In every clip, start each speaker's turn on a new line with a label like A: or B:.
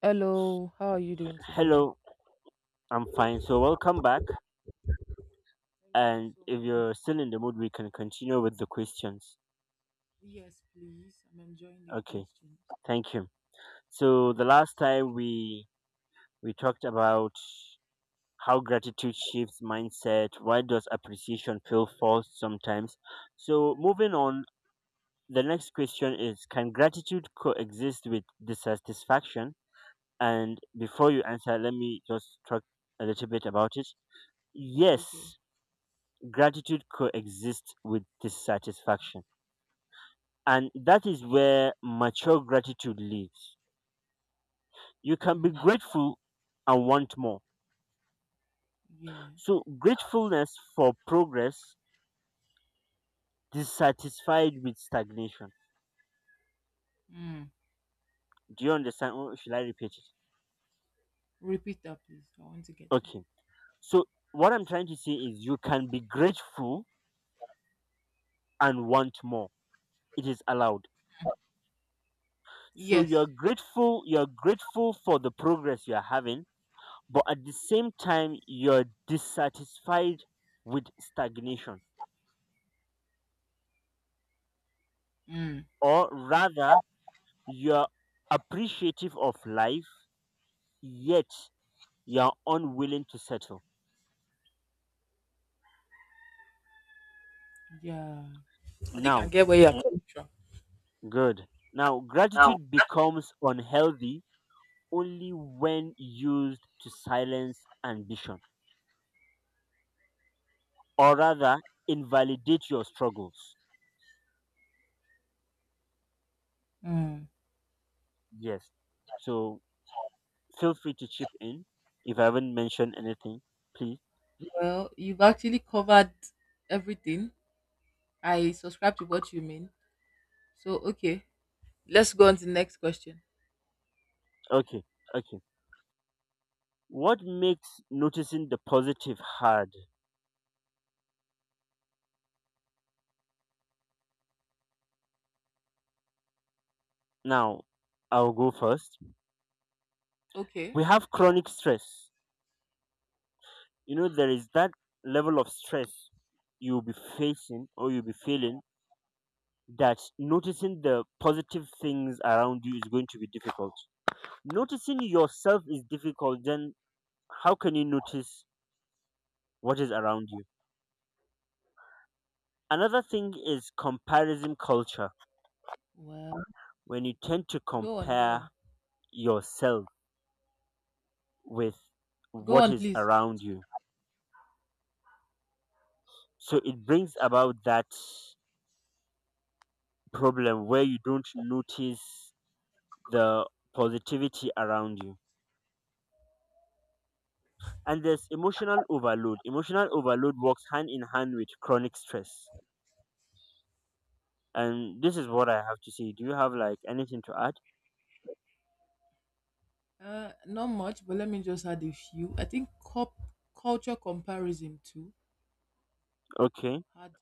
A: Hello, how are you doing today?
B: Hello,
A: Thank
B: I'm fine. So, welcome back.
A: you
B: And
A: so
B: if
A: much.
B: you're still in the mood, we can continue with the questions.
A: Yes, please. I'm enjoying the
B: Okay,
A: questions.
B: thank you. So, the last time we talked about how gratitude shifts mindset. Why does appreciation feel false sometimes? So, moving on, the next question is: Can gratitude coexist with dissatisfaction? And before you answer, let me just talk a little bit about it.
A: Okay.
B: Yes, gratitude coexists with dissatisfaction. And that is where mature gratitude leads. You can be
A: Mm,
B: grateful and want more.
A: yes.
B: So, gratefulness for progress, dissatisfied with stagnation.
A: Mm.
B: Do you understand? Or should I repeat it?
A: Repeat that, please. I want to get to.
B: Okay. So, what I'm trying to say is you can be grateful and want more. It is allowed. So,
A: Yes.
B: you're grateful for the progress you're having but at the same time you're dissatisfied with stagnation,
A: Mm,
B: or rather you're appreciative of life, yet you're unwilling to settle
A: yeah. I think I
B: now.
A: get where you're coming from.
B: Good. Now gratitude becomes unhealthy only when used to silence ambition or rather invalidate your struggles.
A: Mm.
B: Yes, so feel free to chip in if I haven't mentioned anything, please.
A: Well, you've actually covered everything. I subscribe to what you mean. So, okay. Let's go on to the next question.
B: Okay, okay. What makes noticing the positive hard? Now, I'll go first.
A: Okay.
B: We have chronic stress. You know, there is that level of stress you'll be facing or you'll be feeling that noticing the positive things around you is going to be difficult. Noticing yourself is difficult, then how can you notice what is around you? Another thing is comparison culture.
A: Well,
B: When you tend to
A: go on, go
B: compare
A: on.
B: yourself with
A: Go
B: what
A: on,
B: is
A: please.
B: around you, so it brings about that problem where you don't notice the positivity around you. And there's emotional overload. Emotional overload works hand in hand with chronic stress. And this is what I have to say. Do you have like anything to add?
A: Not much, but let me just add a few. I think culture comparison too
B: Okay,
A: had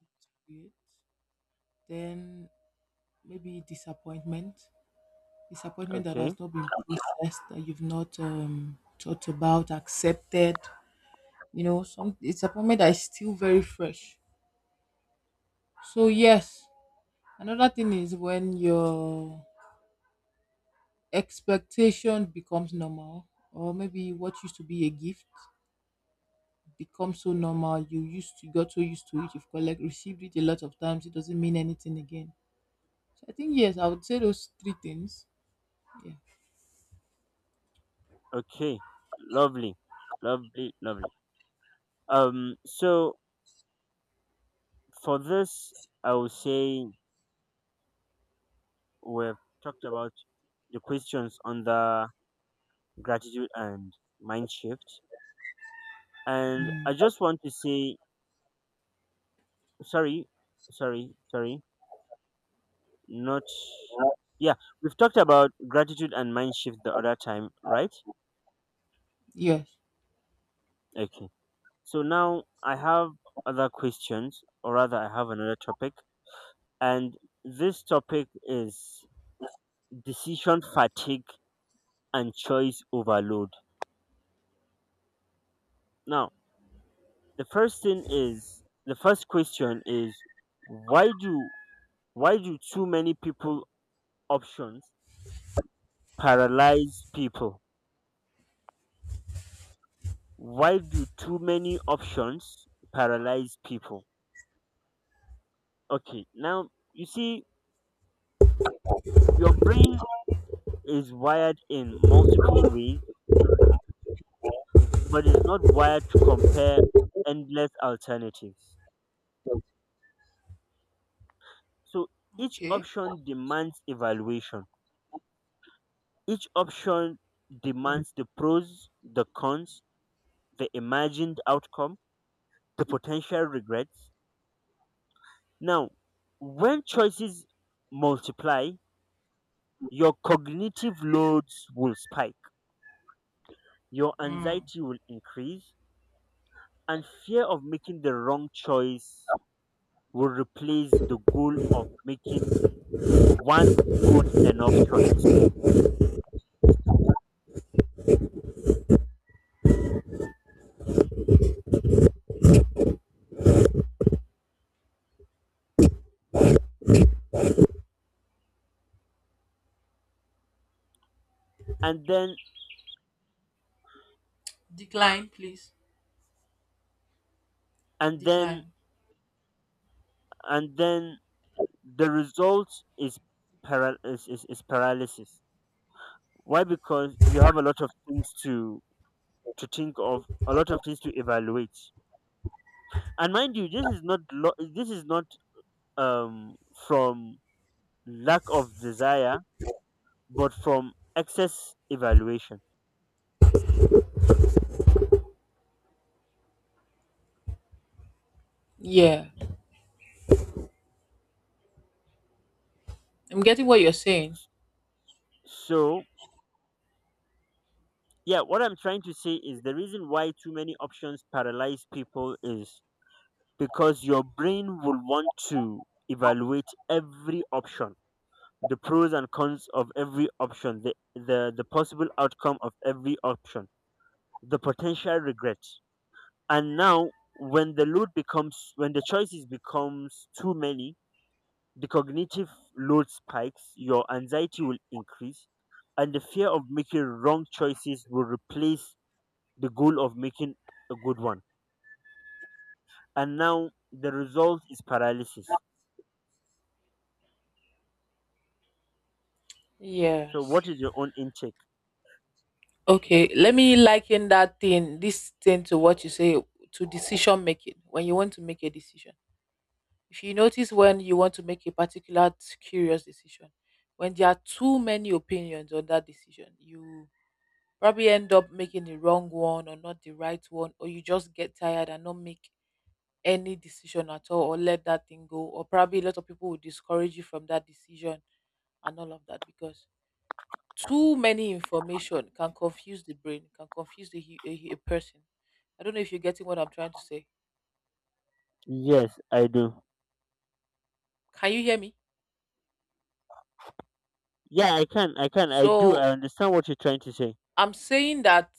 A: to it. Then maybe disappointment, disappointment that
B: okay,
A: has not been processed, that you've not thought about, accepted. You know, some disappointment that is still very fresh. So yes, another thing is when your expectation becomes normal, or maybe what used to be a gift become so normal. You used to got so used to it. You've collect received it a lot of times. It doesn't mean anything again. So I think yes, I would say those three things. Yeah.
B: okay. Lovely lovely lovely So for this I will say we've talked about the questions on the gratitude and mind shift. And I
A: Mm.
B: just want to say sorry, sorry, not, yeah, we've talked about gratitude and mind shift the other time, right?
A: Yes.
B: Okay, so now I have other questions, or rather I have another topic. And this topic is decision fatigue and choice overload. Now, the first thing is, the first question is, why do why do too many people options paralyze people? Why do too many options paralyze people? Okay, now you see, your brain is wired in multiple ways, but it's not wired to compare endless alternatives. So each
A: Okay.
B: option demands evaluation. Each option
A: Yeah.
B: demands the pros, the cons, the imagined outcome, the potential regrets. Now, when choices multiply, your cognitive loads will spike. Your
A: Mm.
B: anxiety will increase, and fear of making the wrong choice will replace the goal of making one good enough choice. And then,
A: Decline, please.
B: and then,
A: Decline.
B: and then the result is, is paralysis. Why? Because you have a lot of things to think of, a lot of things to evaluate. And mind you, this is not this is not um from lack of desire, but from excess evaluation.
A: Yeah. I'm getting what you're saying.
B: So, yeah, what I'm trying to say is the reason why too many options paralyze people is because your brain will want to evaluate every option, the pros and cons of every option, the possible outcome of every option, the potential regrets. And now, when the load becomes, when the choices becomes too many, the cognitive load spikes, your anxiety will increase, and the fear of making wrong choices will replace the goal of making a good one. And now the result is paralysis. So
A: Yes.
B: what is your own intake?
A: Okay, let me liken that thing, this thing to what you say to decision making when you want to make a decision. If you notice when you want to make a particular curious decision, when there are too many opinions on that decision, you probably end up making the wrong one or not the right one, or you just get tired and not make any decision at all or let that thing go. Or probably a lot of people will discourage you from that decision and all of that because too many information can confuse the brain, can confuse the, hu- a, hu- a person. I don't know if you're getting what I'm trying to say.
B: Yes, I do.
A: Can you hear me?
B: Yeah, I can. I do.
A: So
B: I understand what you're trying to say.
A: I'm saying that